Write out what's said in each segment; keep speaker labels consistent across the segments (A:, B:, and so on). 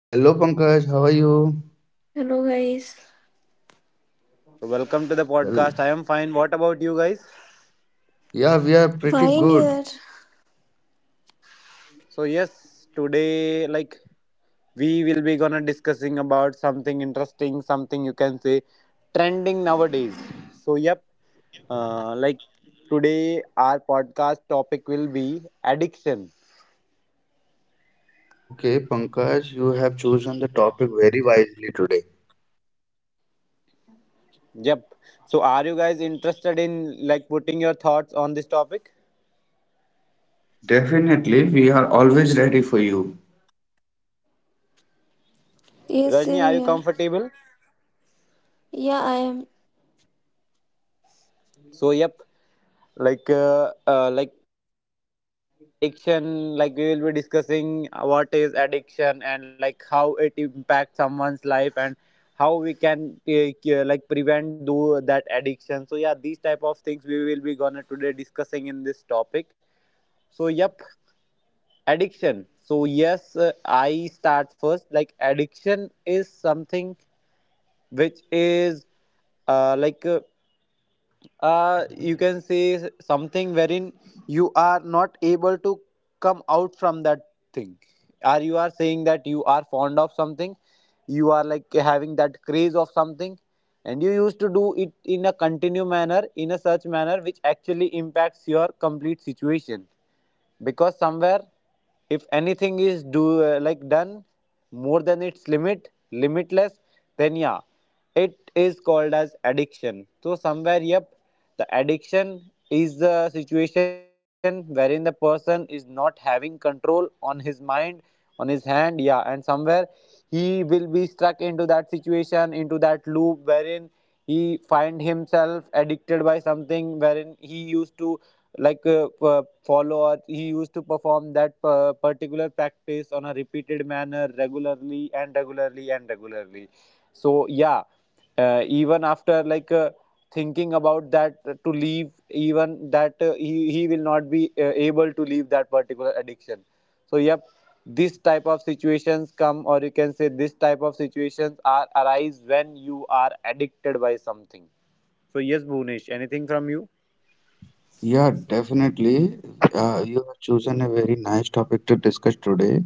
A: Hello Pankaj, how are you?
B: Hello guys.
C: So welcome to the
A: Hel-
C: podcast. I am fine. What about you guys?
A: Yeah, we are pretty
B: Fine
A: good.
B: here.
C: So yes, today like we will be gonna discussing about something interesting, something you can say trending nowadays. So yep, like today our podcast topic will be addiction.
A: Okay, Pankaj, you have chosen the topic very wisely today.
C: Yep. So are you guys interested in like putting your thoughts on this topic?
A: Definitely, we are always ready for you.
B: Yes,
C: Rajni,
B: same
C: are you
B: here.
C: comfortable?
B: Yeah, I am.
C: So yep, like what is addiction, like we will be discussing what is addiction and like how it impacts someone's life, and how we can take, like prevent do that addiction. So yeah, these type of things we will be gonna today discussing in this topic. So yep, addiction. So yes, I start first. Like addiction is something which is uh, like uh, you can say something wherein you are not able to come out from that thing, or you are saying that you are fond of something, you are like having that craze of something, and you used to do it in a continued manner, in a such manner which actually impacts your complete situation. Because somewhere if anything is do like done more than its limit, limitless, then yeah, it is called as addiction. So somewhere, yep, the addiction is the situation wherein the person is not having control on his mind, on his hand, yeah, and somewhere he will be stuck into that situation, into that loop, wherein he find himself addicted by something, wherein he used to follow or he used to perform that particular practice on a repeated manner regularly and regularly and regularly. So yeah, even after thinking about that to leave, even that he will not be able to leave that particular addiction. So yep, this type of situations come, or you can say this type of situations are arise when you are addicted by something. So yes, Bhunesh, anything from you?
A: Yeah, definitely. You have chosen a very nice topic to discuss today.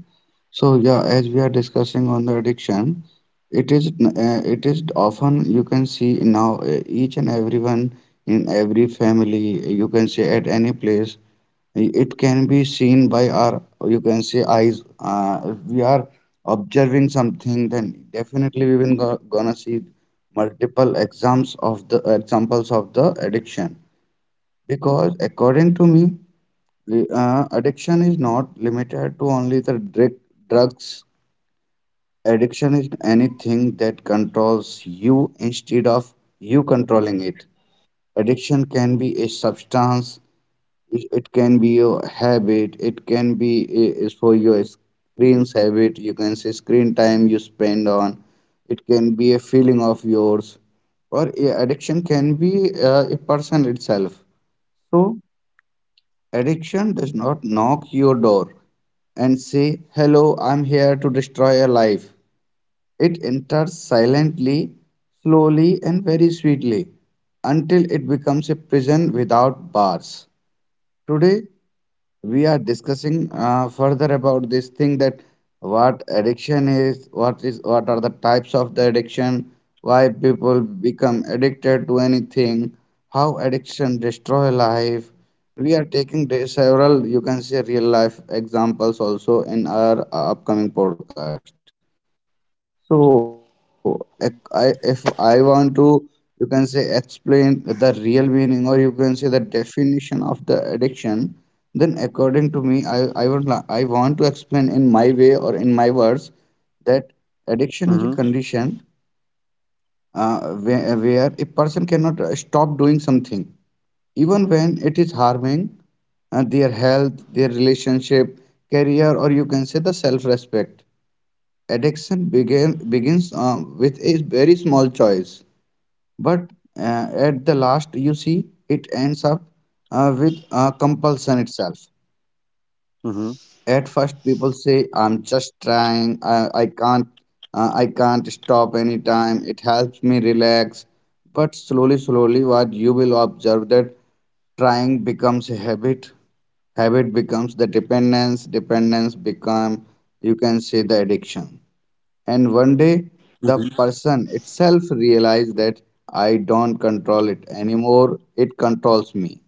A: So yeah, as we are discussing on the addiction, it is often you can see now each and everyone in every family you can see at any place it can be seen by our, you can say, eyes. If we are observing something, then definitely we will gonna see multiple exams of the examples of the addiction, because according to me addiction is not limited to only the drugs. Addiction is anything that controls you instead of you controlling it. Addiction can be a substance, it can be your habit, it can be, is for your screens habit, you can say screen time you spend on. It can be a feeling of yours, or a addiction can be a person itself. So addiction does not knock your door and say hello, I'm here to destroy your life. It enters silently, slowly and very sweetly, until it becomes a prison without bars. Today we are discussing further about this thing, that what addiction is, what are the types of the addiction, why people become addicted to anything, how addiction destroy life. We are taking the several, you can say, real life examples also in our upcoming podcast. If I want to, you can say, explain the real meaning, or you can say the definition of the addiction, then, according to me, I want to explain in my way or in my words that addiction is a condition
C: Hmm.
A: uh, where a person cannot stop doing something, even when it is harming their health, their relationship, career, or you can say the self-respect. Begins with a very small choice, but uh, at the last you see it ends up with compulsion itself. At
C: Hmm.
A: first people say, I'm just trying, I can't, I can't stop anytime, it helps me relax. But slowly slowly what you will observe, that trying becomes a habit, habit becomes the dependence, dependence become, you can say, the addiction. And one day the person itself realized that I don't control it anymore, it controls me.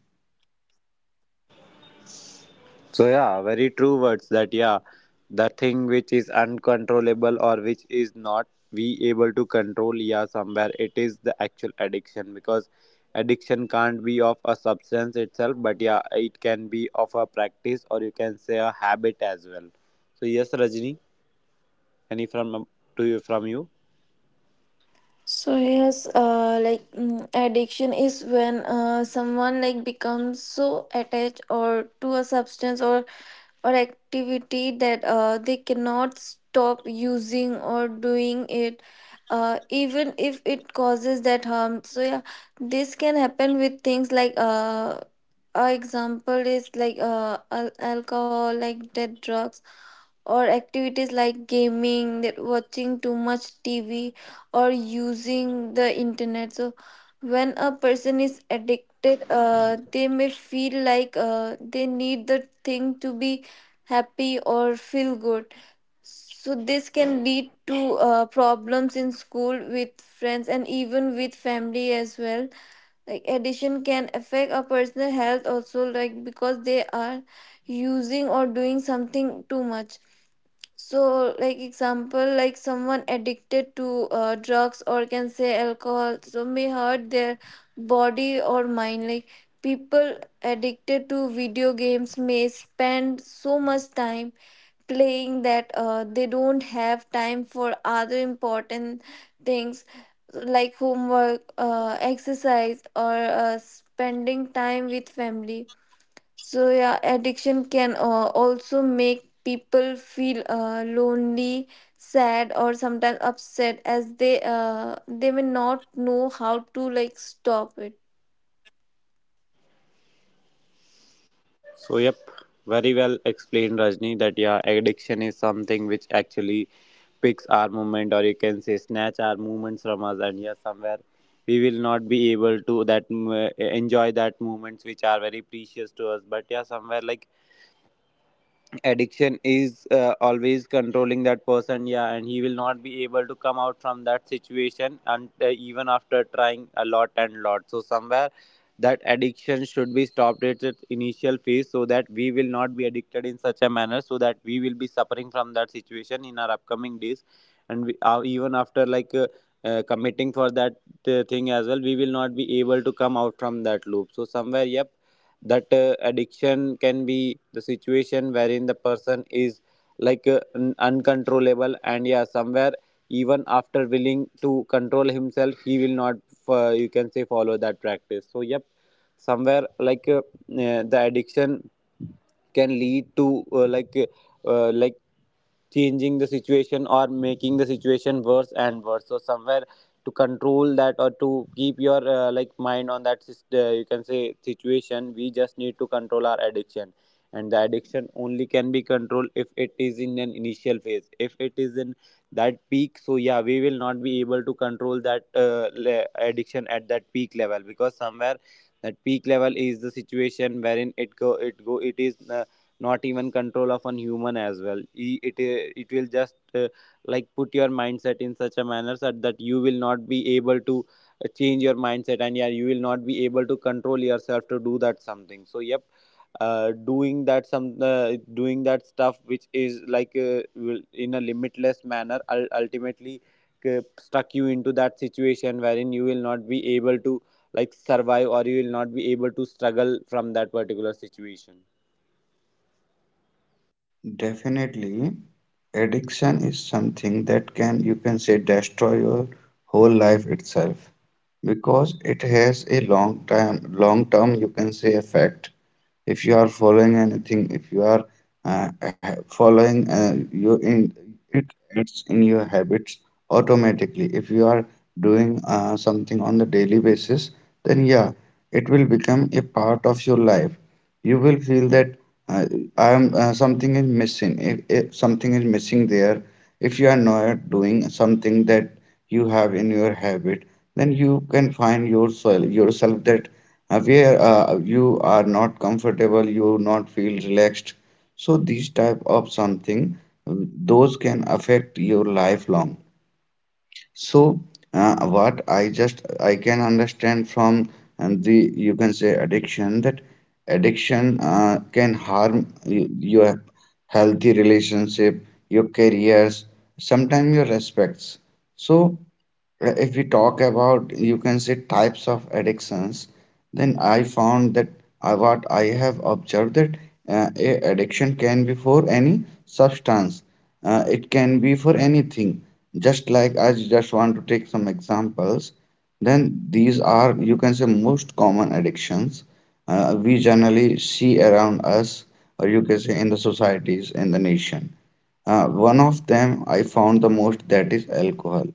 C: So yeah, very true words that yeah, the thing which is uncontrollable, or which is not we able to control, yeah, somewhere it is the actual addiction, because addiction can't be of a substance itself, but yeah, it can be of a practice, or you can say a habit as well. So yes, Rajni. Any from to you from you?
B: Addiction is when someone becomes so attached or to a substance or activity that they cannot stop using or doing it, even if it causes that harm. So yeah, this can happen with things like a example is like alcohol, like that drugs, or activities like gaming, that watching too much TV, or using the internet. So when a person is addicted, they may feel like they need the thing to be happy or feel good. So this can lead to problems in school, with friends, and even with family as well. Like addiction can affect a person's health also, like because they are using or doing something too much. So, like example, like someone addicted to drugs or can say alcohol, so may hurt their body or mind. Like people addicted to video games may spend so much time playing that they don't have time for other important things like homework, exercise, or spending time with family. So yeah, addiction can also make people feel lonely, sad, or sometimes upset, as they may not know how to like stop it.
C: So yep, very well explained, Rajni. That yeah, addiction is something which actually picks our movement, or you can say snatch our movements from us, and yeah, somewhere we will not be able to that enjoy that movements which are very precious to us. But yeah, somewhere like addiction is always controlling that person, yeah, and he will not be able to come out from that situation, and even after trying a lot and lot. So somewhere that addiction should be stopped at its initial phase, so that we will not be addicted in such a manner, so that we will be suffering from that situation in our upcoming days. And we, even after like committing for that thing as well, we will not be able to come out from that loop. So somewhere, yep, that addiction can be the situation wherein the person is uncontrollable, and yeah, somewhere even after willing to control himself, he will not you can say follow that practice. So yep, somewhere the addiction can lead to uh, like changing the situation or making the situation worse and worse. So somewhere to control that, or to keep your like mind on that you can say situation, we just need to control our addiction. And the addiction only can be controlled if it is in an initial phase. If it is in that peak, so yeah, we will not be able to control that addiction at that peak level, because somewhere that peak level is the situation wherein it is not even control of an human as well. It will just uh, like put your mindset in such a manner that you will not be able to change your mindset, and yeah, you will not be able to control yourself to do that something. So yep, uh, doing that some uh, doing that stuff which is in a limitless manner, ultimately stuck you into that situation wherein you will not be able to like survive, or you will not be able to struggle from that particular situation.
A: Definitely, addiction is something that can, you can say, destroy your whole life itself, because it has a long time, long term, you can say, effect. If you are following anything, if you are following you in it, it's in your habits automatically. If you are doing something on the daily basis, then yeah, it will become a part of your life. You will feel that uh, I am something is missing. If something is missing there, if you are not doing something that you have in your habit, then you can find yourself that where you are not comfortable, you not feel relaxed. So these type of something, uh, those can affect your lifelong. So, what I just I can understand from the, you can say, addiction, that addiction can harm your healthy relationship, your careers, sometimes your respects. So. If we talk about, you can say, types of addictions, then I found that, what I have observed, that a addiction can be for any substance, it can be for anything. Just like I just want to take some examples. Then these are, you can say, most common addictions we generally see around us, or you can say, in the societies, in the nation. One of them I found the most, that is alcohol.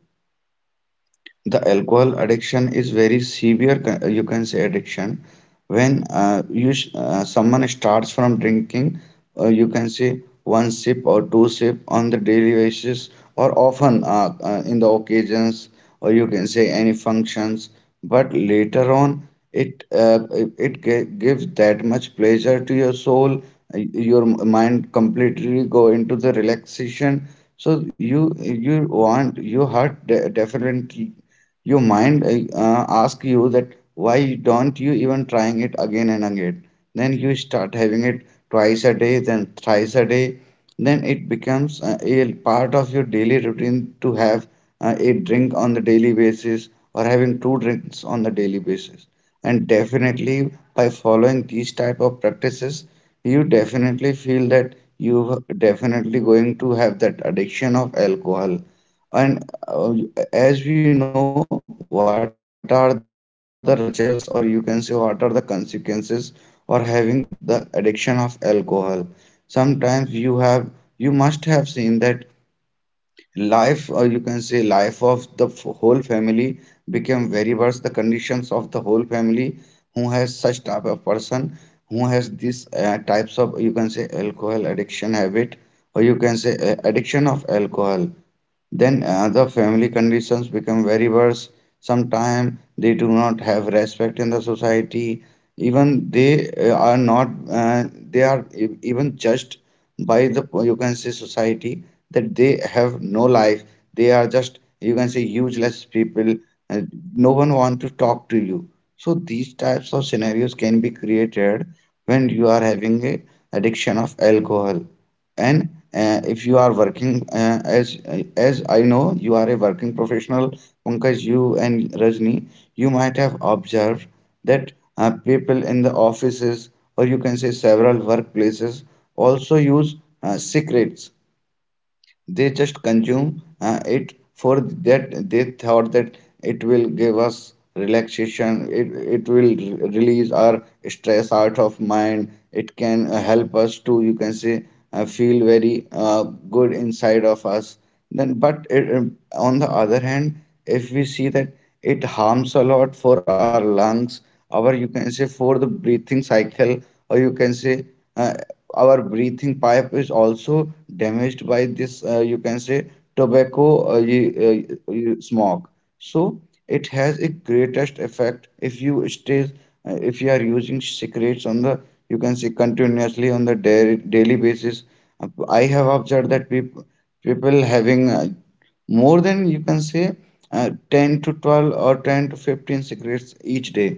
A: The alcohol addiction is very severe, you can say, addiction. When someone starts from drinking, you can say, one sip or two sip on the daily basis, or often in the occasions, or you can say any functions, but later on it gives that much pleasure to your soul. uh, your mind completely go into the relaxation, so you want, your heart definitely, your mind ask you that why don't you even trying it again and again. Then you start having it twice a day, then thrice a day, then it becomes a part of your daily routine to have a drink on the daily basis, or having two drinks on the daily basis. And definitely by following these type of practices, you definitely feel that you definitely going to have that addiction of alcohol. And as we know, what are the results, or you can say, what are the consequences for having the addiction of alcohol? Sometimes you have, you must have seen that life, or you can say, life of the whole family became very worse. The conditions of the whole family who has such type of person, who has these types of, you can say, alcohol addiction habit, or you can say, addiction of alcohol, then other family conditions become very worse. Sometimes they do not have respect in the society. Even they are not, they are even judged by the, you can say, society, that they have no life. They are just, you can say, useless people. And no one want to talk to you. So these types of scenarios can be created when you are having a addiction of alcohol. And if you are working, as I know, you are a working professional, Pankaj, you and Rajni, you might have observed that people in the offices, or you can say several workplaces, also use secrets. They just consume it, for that they thought that it will give us relaxation, it will release our stress out of mind, it can help us to, you can say, feel very good inside of us. Then but it, on the other hand, if we see that it harms a lot for our lungs, our, you can say, for the breathing cycle, or you can say, uh, our breathing pipe is also damaged by this, you can say, tobacco smoke. So it has a greatest effect if you stays, if you are using cigarettes on the, you can say, continuously on the daily basis. Uh, I have observed that people having more than, you can say, uh, 10 to 12 or 10 to 15 cigarettes each day.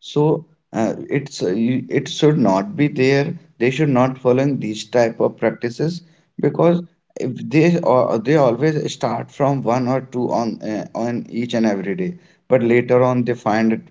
A: So it should not be there, they should not follow these type of practices, because if they, or they always start from one or two on each and every day, but later on they find it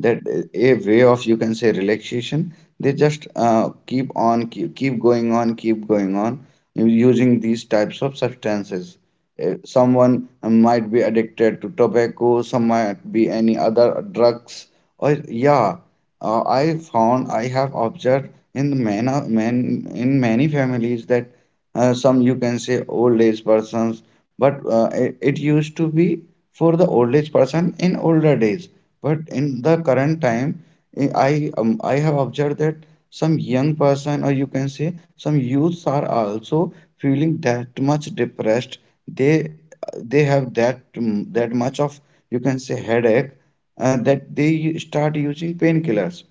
A: that a way of, you can say, relaxation. They just keep on, keep going on, keep going on using these types of substances. Eh, someone might be addicted to tobacco, some might be any other drugs. Or yeah, I found I have observed in the man in many families that some, you can say, old age persons, but it used to be for the old age person in older days. But in the current time, I have observed that some young person, or you can say, some youths are also feeling that much depressed. They they have that much of you can say headache that they start using painkillers.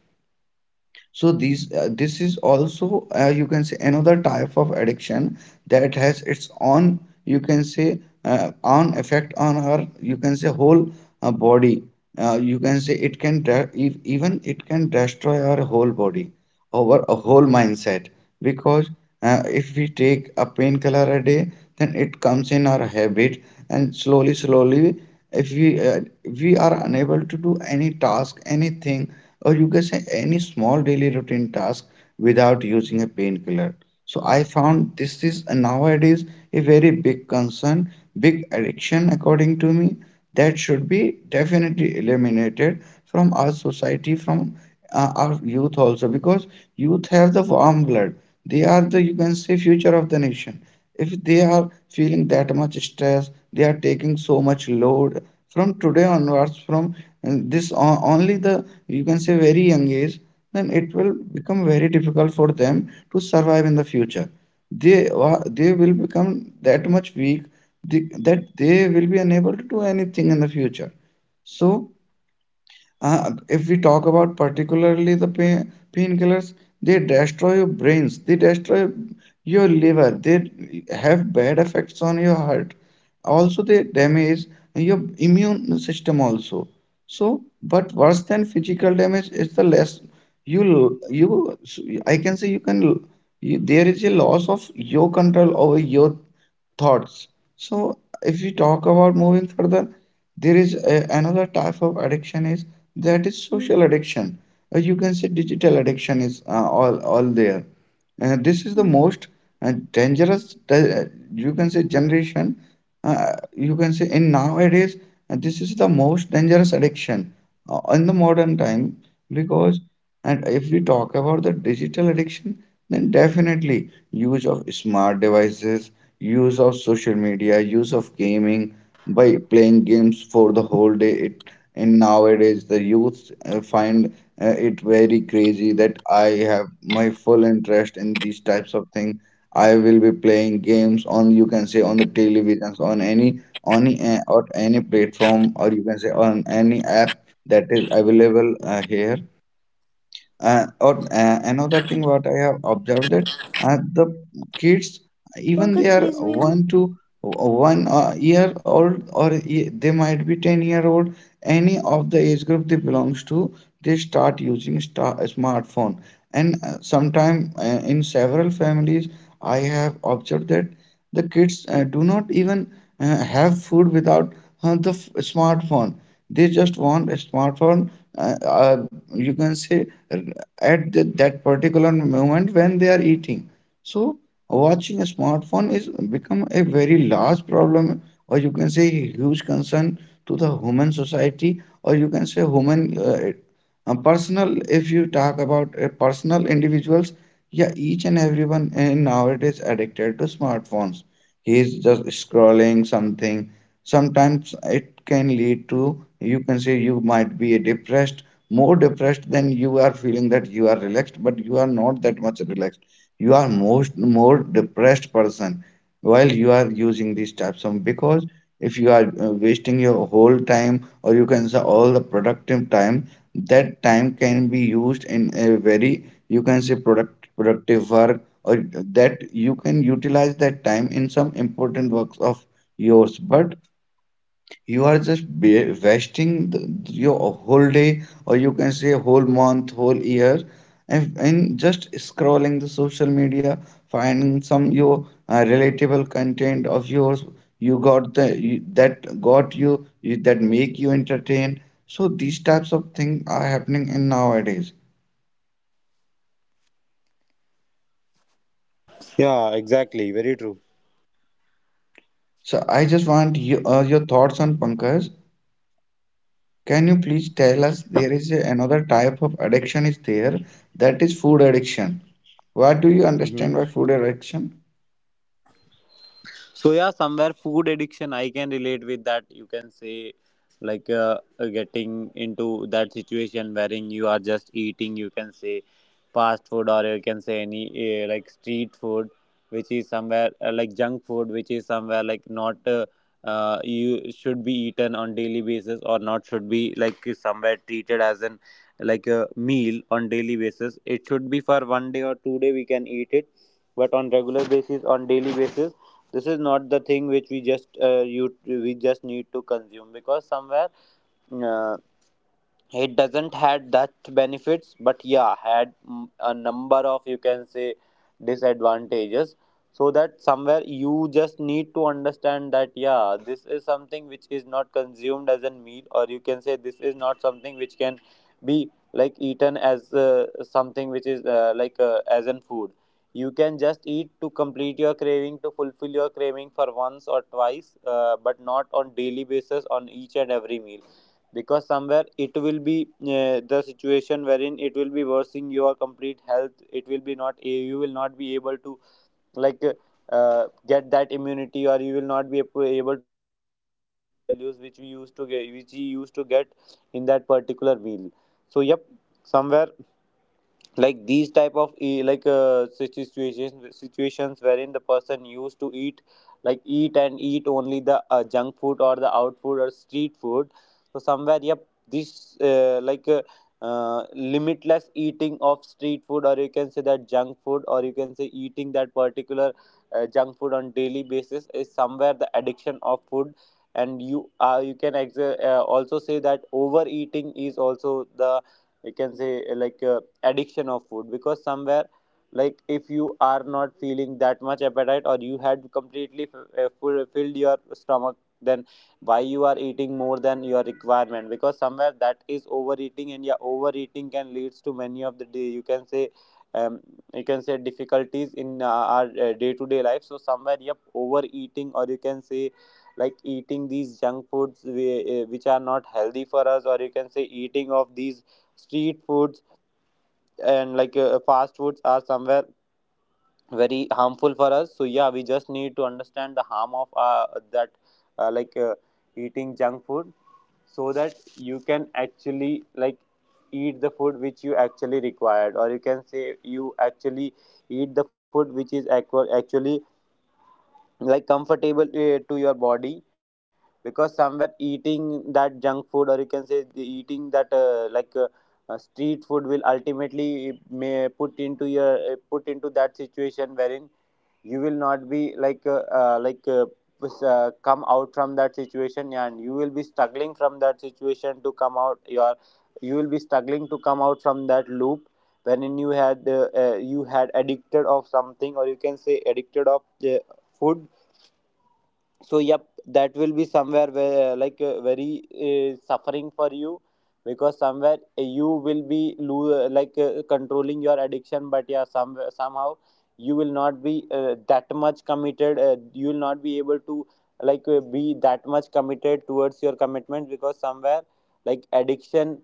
A: So these this is also, you can say, another type of addiction that has its own you can say own effect on our, you can say, whole body. You can say it can even it can destroy our whole body over a whole mindset, because if we take a painkiller a day, then it comes in our habit. And slowly slowly, if we are unable to do any task, anything, or you can say any small daily routine task without using a painkiller. So I found this is, nowadays, a very big concern, big addiction according to me, that should be definitely eliminated from our society, from our youth also, because youth have the warm blood. They are the, you can say, future of the nation. If they are feeling that much stress, they are taking so much load from today onwards, from this only the, you can say, very young age, then it will become very difficult for them to survive in the future. They they will become that much weak, that they will be unable to do anything in the future. So if we talk about particularly the painkillers, they destroy your brains, they destroy your liver, they have bad effects on your heart. Also, they damage your
C: Am I
A: immune
C: audible to
A: system
C: you?
A: also. So, but worse than physical damage is the less you I can say you can you, there is a loss of your control over your thoughts. So if we talk about moving further, there is a, another type of addiction is that is social
B: Mhm.
A: addiction. Or you can say digital addiction is, all there. This is the most uh, dangerous. di- you can say generation. You can say in nowadays this is the most dangerous
B: Mhm.
A: addiction in the modern time, because and if we talk about the digital addiction, then definitely use of smart devices, use of social media, use of gaming by playing games for the whole day. It and nowadays the youth find it very crazy that I have my full interest in these types of thing. I will be playing games on you can say on the televisions on any on or any platform, or you can say on any app that is available here. Or Another thing what I have observed that the kids, even
B: Thank
A: they are
B: you.
A: one year old, or they might be 10-year old, any of the age group they belongs to, they start using smartphone. And sometime in several families I have observed that the kids do not even have food without smartphone. They just want a smartphone, you can say, uh, at that particular moment when they are eating. So watching a smartphone is become a very large problem, or you can say huge concern to the human society, or you can say human personal. If you talk about personal individuals, yeah, each and everyone in nowadays addicted to smartphones. He is just scrolling something. Sometimes it can lead to you can say you might be depressed, more depressed than you are feeling that you are relaxed, but you are not that much relaxed, you are most more depressed person while you are using these types of, because if you are wasting your whole time, or you can say all the productive time, that time can be used in a very, you can say productive work, or that you can utilize that time in some important works of yours. But you are just wasting your whole day, or you can say whole month, whole year, and just scrolling the social media, finding some your relatable content of yours. You got the you, that got you, you that make you entertain. So these types of things are happening in nowadays.
D: Yeah, exactly. Very true.
A: So I just want you, your thoughts on Pankaj. Can you please tell us there is a, another type of addiction is there, that is food addiction. What do you
D: hmm
A: understand by food addiction?
D: so yeah, somewhere food addiction I can relate with, that you can say, like getting into that situation wherein you are just eating, you can say, fast food, or you can say any like street food, which is somewhere like junk food, which is somewhere like not, you should be eaten on daily basis, or not should be like somewhere treated as an, like a meal on daily basis. It should be for one day or 2 day we can eat it, but on regular basis, on daily basis, this is not the thing which we just you we just need to consume, because somewhere uh, it doesn't had that benefits, but yeah had a number of, you can say, disadvantages. So that somewhere you just need to understand that yeah, this is something which is not consumed as a meal, or you can say, this is not something which can be like eaten as something which is like as in food. You can just eat to complete your craving, to fulfill your craving for once or twice, but not on daily basis on each and every meal. Because somewhere it will be the situation wherein it will be worsening your complete health. It will be not, you will not be able to like get that immunity, or you will not be able to get those nutritional values which we used to get in that particular meal. So yep, somewhere, like these type of like situations wherein the person used to eat, like eat and eat only the junk food, or the out food, or street food. So somewhere, yep, this limitless eating of street food, or you can say that junk food, or you can say eating that particular junk food on daily basis is somewhere the addiction of food. And you you can also say that overeating is also the, you can say, addiction of food. Because somewhere, like, if you are not feeling that much appetite, or you had completely filled your stomach, then why you are eating more than your requirement? Because somewhere that is overeating. And yeah, overeating can leads to many of the day, you can say, um, you can say difficulties in our day-to-day life. So somewhere, yep, overeating, or you can say, like eating these junk foods we which are not healthy for us, or you can say eating of these street foods and like fast foods are somewhere very harmful for us. So yeah, we just need to understand the harm of that, uh, like uh, eating junk food, so that you can actually like eat the food which you actually required, or you can say you actually eat the food which is actually like comfortable to your body. Because somewhere eating that junk food, or you can say the eating that street food will ultimately, may put into your, put into that situation wherein you will not be come out from that situation. And you will be struggling from that situation to come out your, you will be struggling to come out from that loop wherein you had addicted of something, or you can say addicted of food. So yep, that will be somewhere where very suffering for you. Because somewhere you will be, controlling your addiction, but yeah, some somehow you will not be that much committed. You will not be able to like be that much committed towards your commitment, because somewhere, like, addiction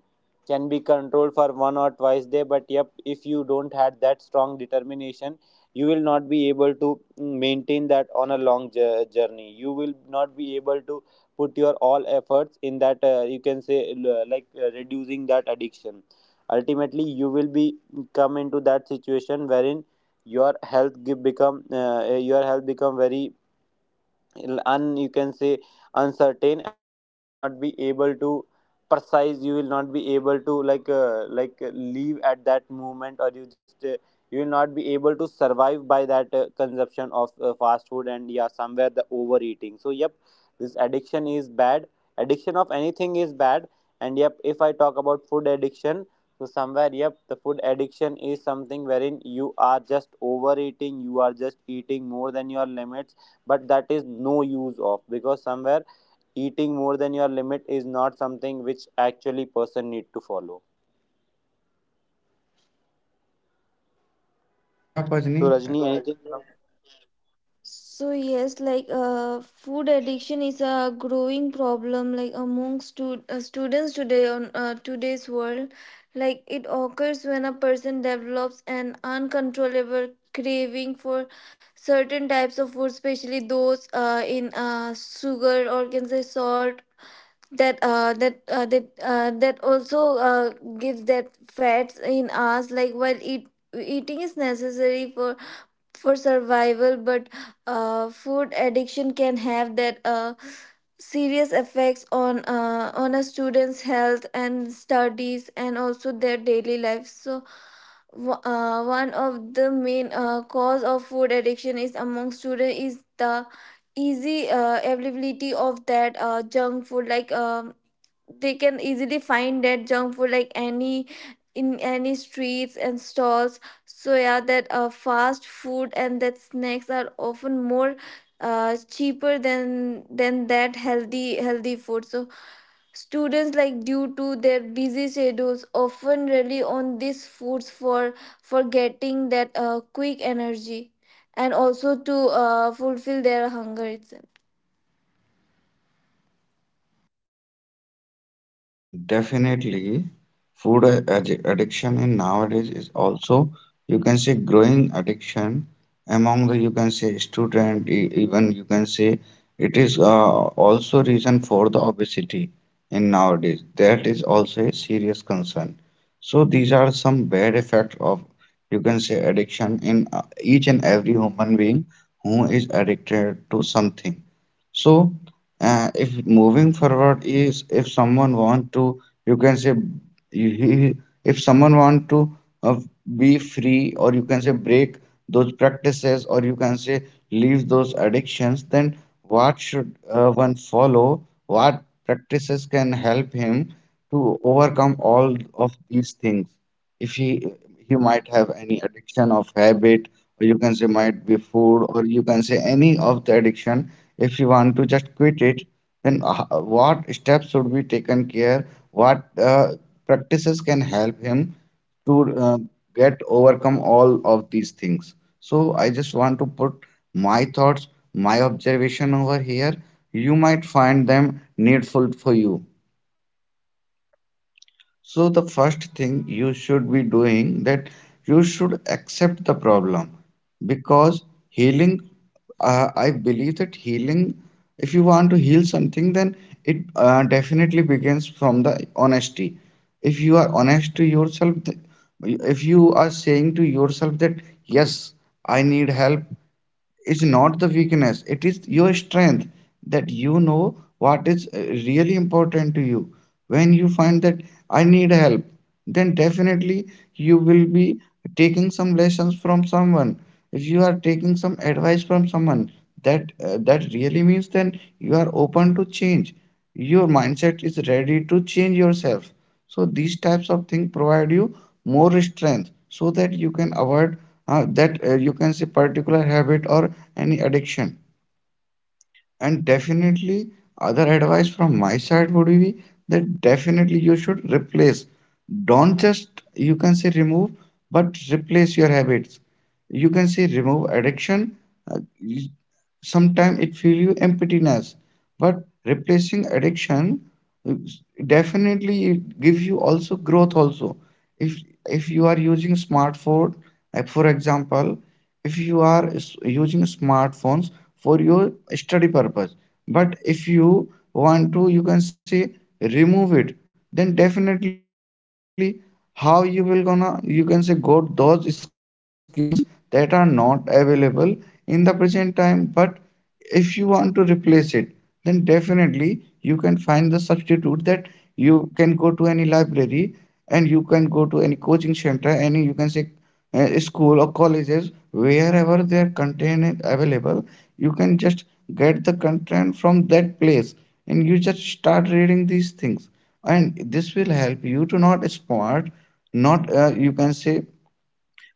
D: can be controlled for one or twice day. But yep, if you don't had that strong determination, you will not be able to maintain that on a long journey. You will not be able to put your all efforts in that, you can say like reducing that addiction. Ultimately you will be, come into that situation wherein your health give become, your health become very un, you can say uncertain. And yeah, you will not be able to precise, you will not be able to leave at that moment, or you just you will not be able to survive by that consumption of fast food, and yeah somewhere the overeating. So yep, this addiction is bad. Addiction of anything is bad. And yep, if I talk about food addiction, so somewhere, yep, the food addiction is something wherein you are just overeating, you are just eating more than your limits. But that is no use of, because somewhere eating more than your limit is not something which actually person need to follow.
A: Yeah,
D: So
A: Pajni,
D: Rajni, anything from—
B: So food addiction is a growing problem like among students today on today's world. Like it occurs when a person develops an uncontrollable craving for certain types of food, especially those in sugar or can say salt. That also gives that fats in us. Like while eating is necessary for survival, but food addiction can have that serious effects on a student's health and studies and also their daily life. So one of the main cause of food addiction is among students is the easy availability of that junk food. They can easily find that junk food like any in any streets and stalls. So yeah, that fast food and that snacks are often more cheaper than that healthy food. So students, like due to their busy schedules, often rely on these foods for getting that quick energy, and also to fulfill their hunger itself.
A: definitely. Food addiction in nowadays is also, you can say, growing addiction among the, you can say, student, even you can say, it is also reason for the obesity in nowadays. That is also a serious concern. So these are some bad effects of, you can say, addiction in each and every human being who is addicted to something. So, if moving forward is if someone want to, you can say, you- he- if someone want to uh, be free, or you can say break those practices, or you can say leave those addictions, then what should one follow? What practices can help him to overcome all of these things? If he he might have any addiction of habit, or you can say might be food, or you can say any of the addiction, if you want to just quit it, then what steps should be taken care, what practices can help him to get overcome all of these things? So I just want to put my thoughts, my observation over here. You might find them needful for you. So the first thing you should be doing that you should accept the problem, because healing, I believe that healing, if you want to heal something, then it definitely begins from the honesty. If you are honest to yourself, if you are saying to yourself that yes, I need help, is not the weakness, it is your strength, that you know what is really important to you. When you find that I need help, then definitely you will be taking some lessons from someone. If you are taking some advice from someone, that really means then you are open to change, your mindset is ready to change yourself. So these types of thing provide you more strength, so that you can avoid that you can say particular habit, or any addiction. And definitely, other advice from my side would be that definitely you should replace, don't just you can say remove, but replace your habits, you can say remove addiction. uh, Sometimes it feel you emptiness, but replacing addiction, uh, definitely it gives you also growth also. if if you are using smartphone, for example, if you are using smartphones for your study purpose, but if you want to you can say remove it, then definitely how you will gonna you can say got those skills that are not available in the present time. But if you want to replace it, then definitely you can find the substitute, that you can go to any library, and you can go to any coaching center, any you can say school or colleges, wherever their content is available, you can just get the content from that place, and you just start reading these things. And this will help you to not smart, not you can say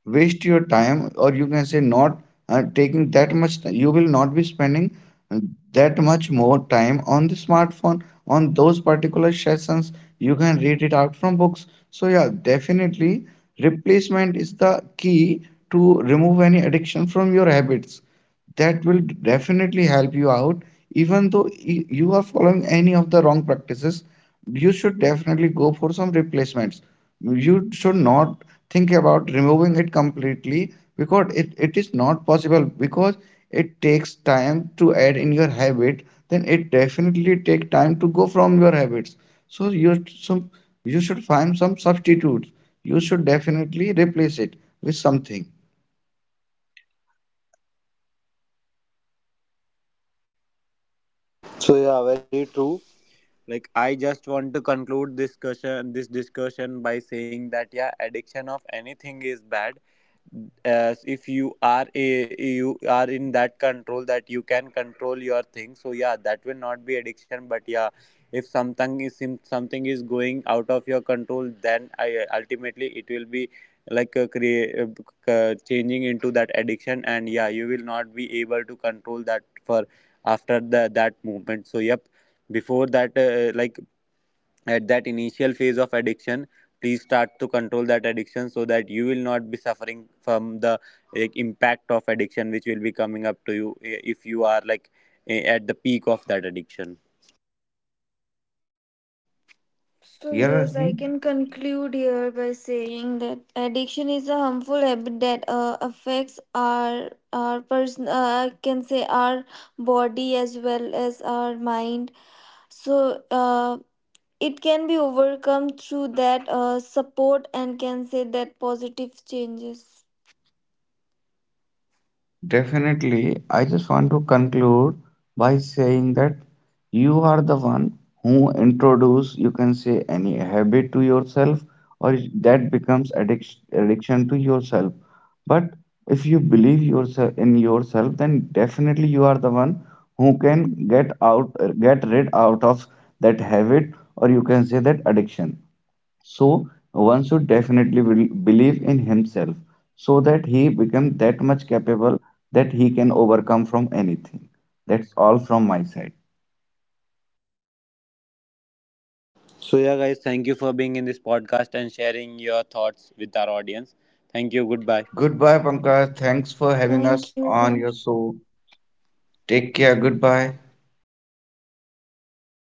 A: waste your time, or you can say not taking that much you will not be spending uh, that much more time on the smartphone on those particular sessions, you can read it out from books. So yeah, definitely replacement is the key to remove any addiction from your habits, that will definitely help you out. Even though you are following any of the wrong practices, you should definitely go for some replacements. You should not think about removing it completely, because it is not possible, because it takes time to add in your habit, then it definitely take time to go from your habits. So you some you should find some substitutes, you should definitely replace it with something.
D: So yeah, very true. Like, I just want to conclude this discussion by saying that yeah, addiction of anything is bad. As if you are a, you are in that control that you can control your things, so yeah that will not be addiction. But yeah, if something is going out of your control, then I, ultimately it will be like, create changing into that addiction. And yeah, you will not be able to control that for after the that movement. So yep, before that, like, at that initial phase of addiction, please start to control that addiction so that you will not be suffering from the, like, impact of addiction which will be coming up to you, if you are like at the peak of that addiction.
B: So
A: Yeah,
B: yes,
A: Rajni?
B: I can conclude here by saying that addiction is a harmful habit that affects our person, I can say our body as well as our mind. So, it can be overcome through that support and can say that positive changes.
A: Definitely, I just want to conclude by saying that you are the one who introduce, you can say, any habit to yourself, or that becomes addiction to yourself. But if you believe yourself in yourself, then definitely you are the one who can get out, get rid out of that habit, or you can say that addiction. So one should definitely believe in himself, so that he become that much capable that he can overcome from anything. That's all from my side.
D: So yeah, guys, thank you for being in this podcast and sharing your thoughts with our audience. Thank you, goodbye.
A: Goodbye, Pankaj. Thanks for having
B: Thank
A: us on
B: you.
A: your show. Take care. Goodbye.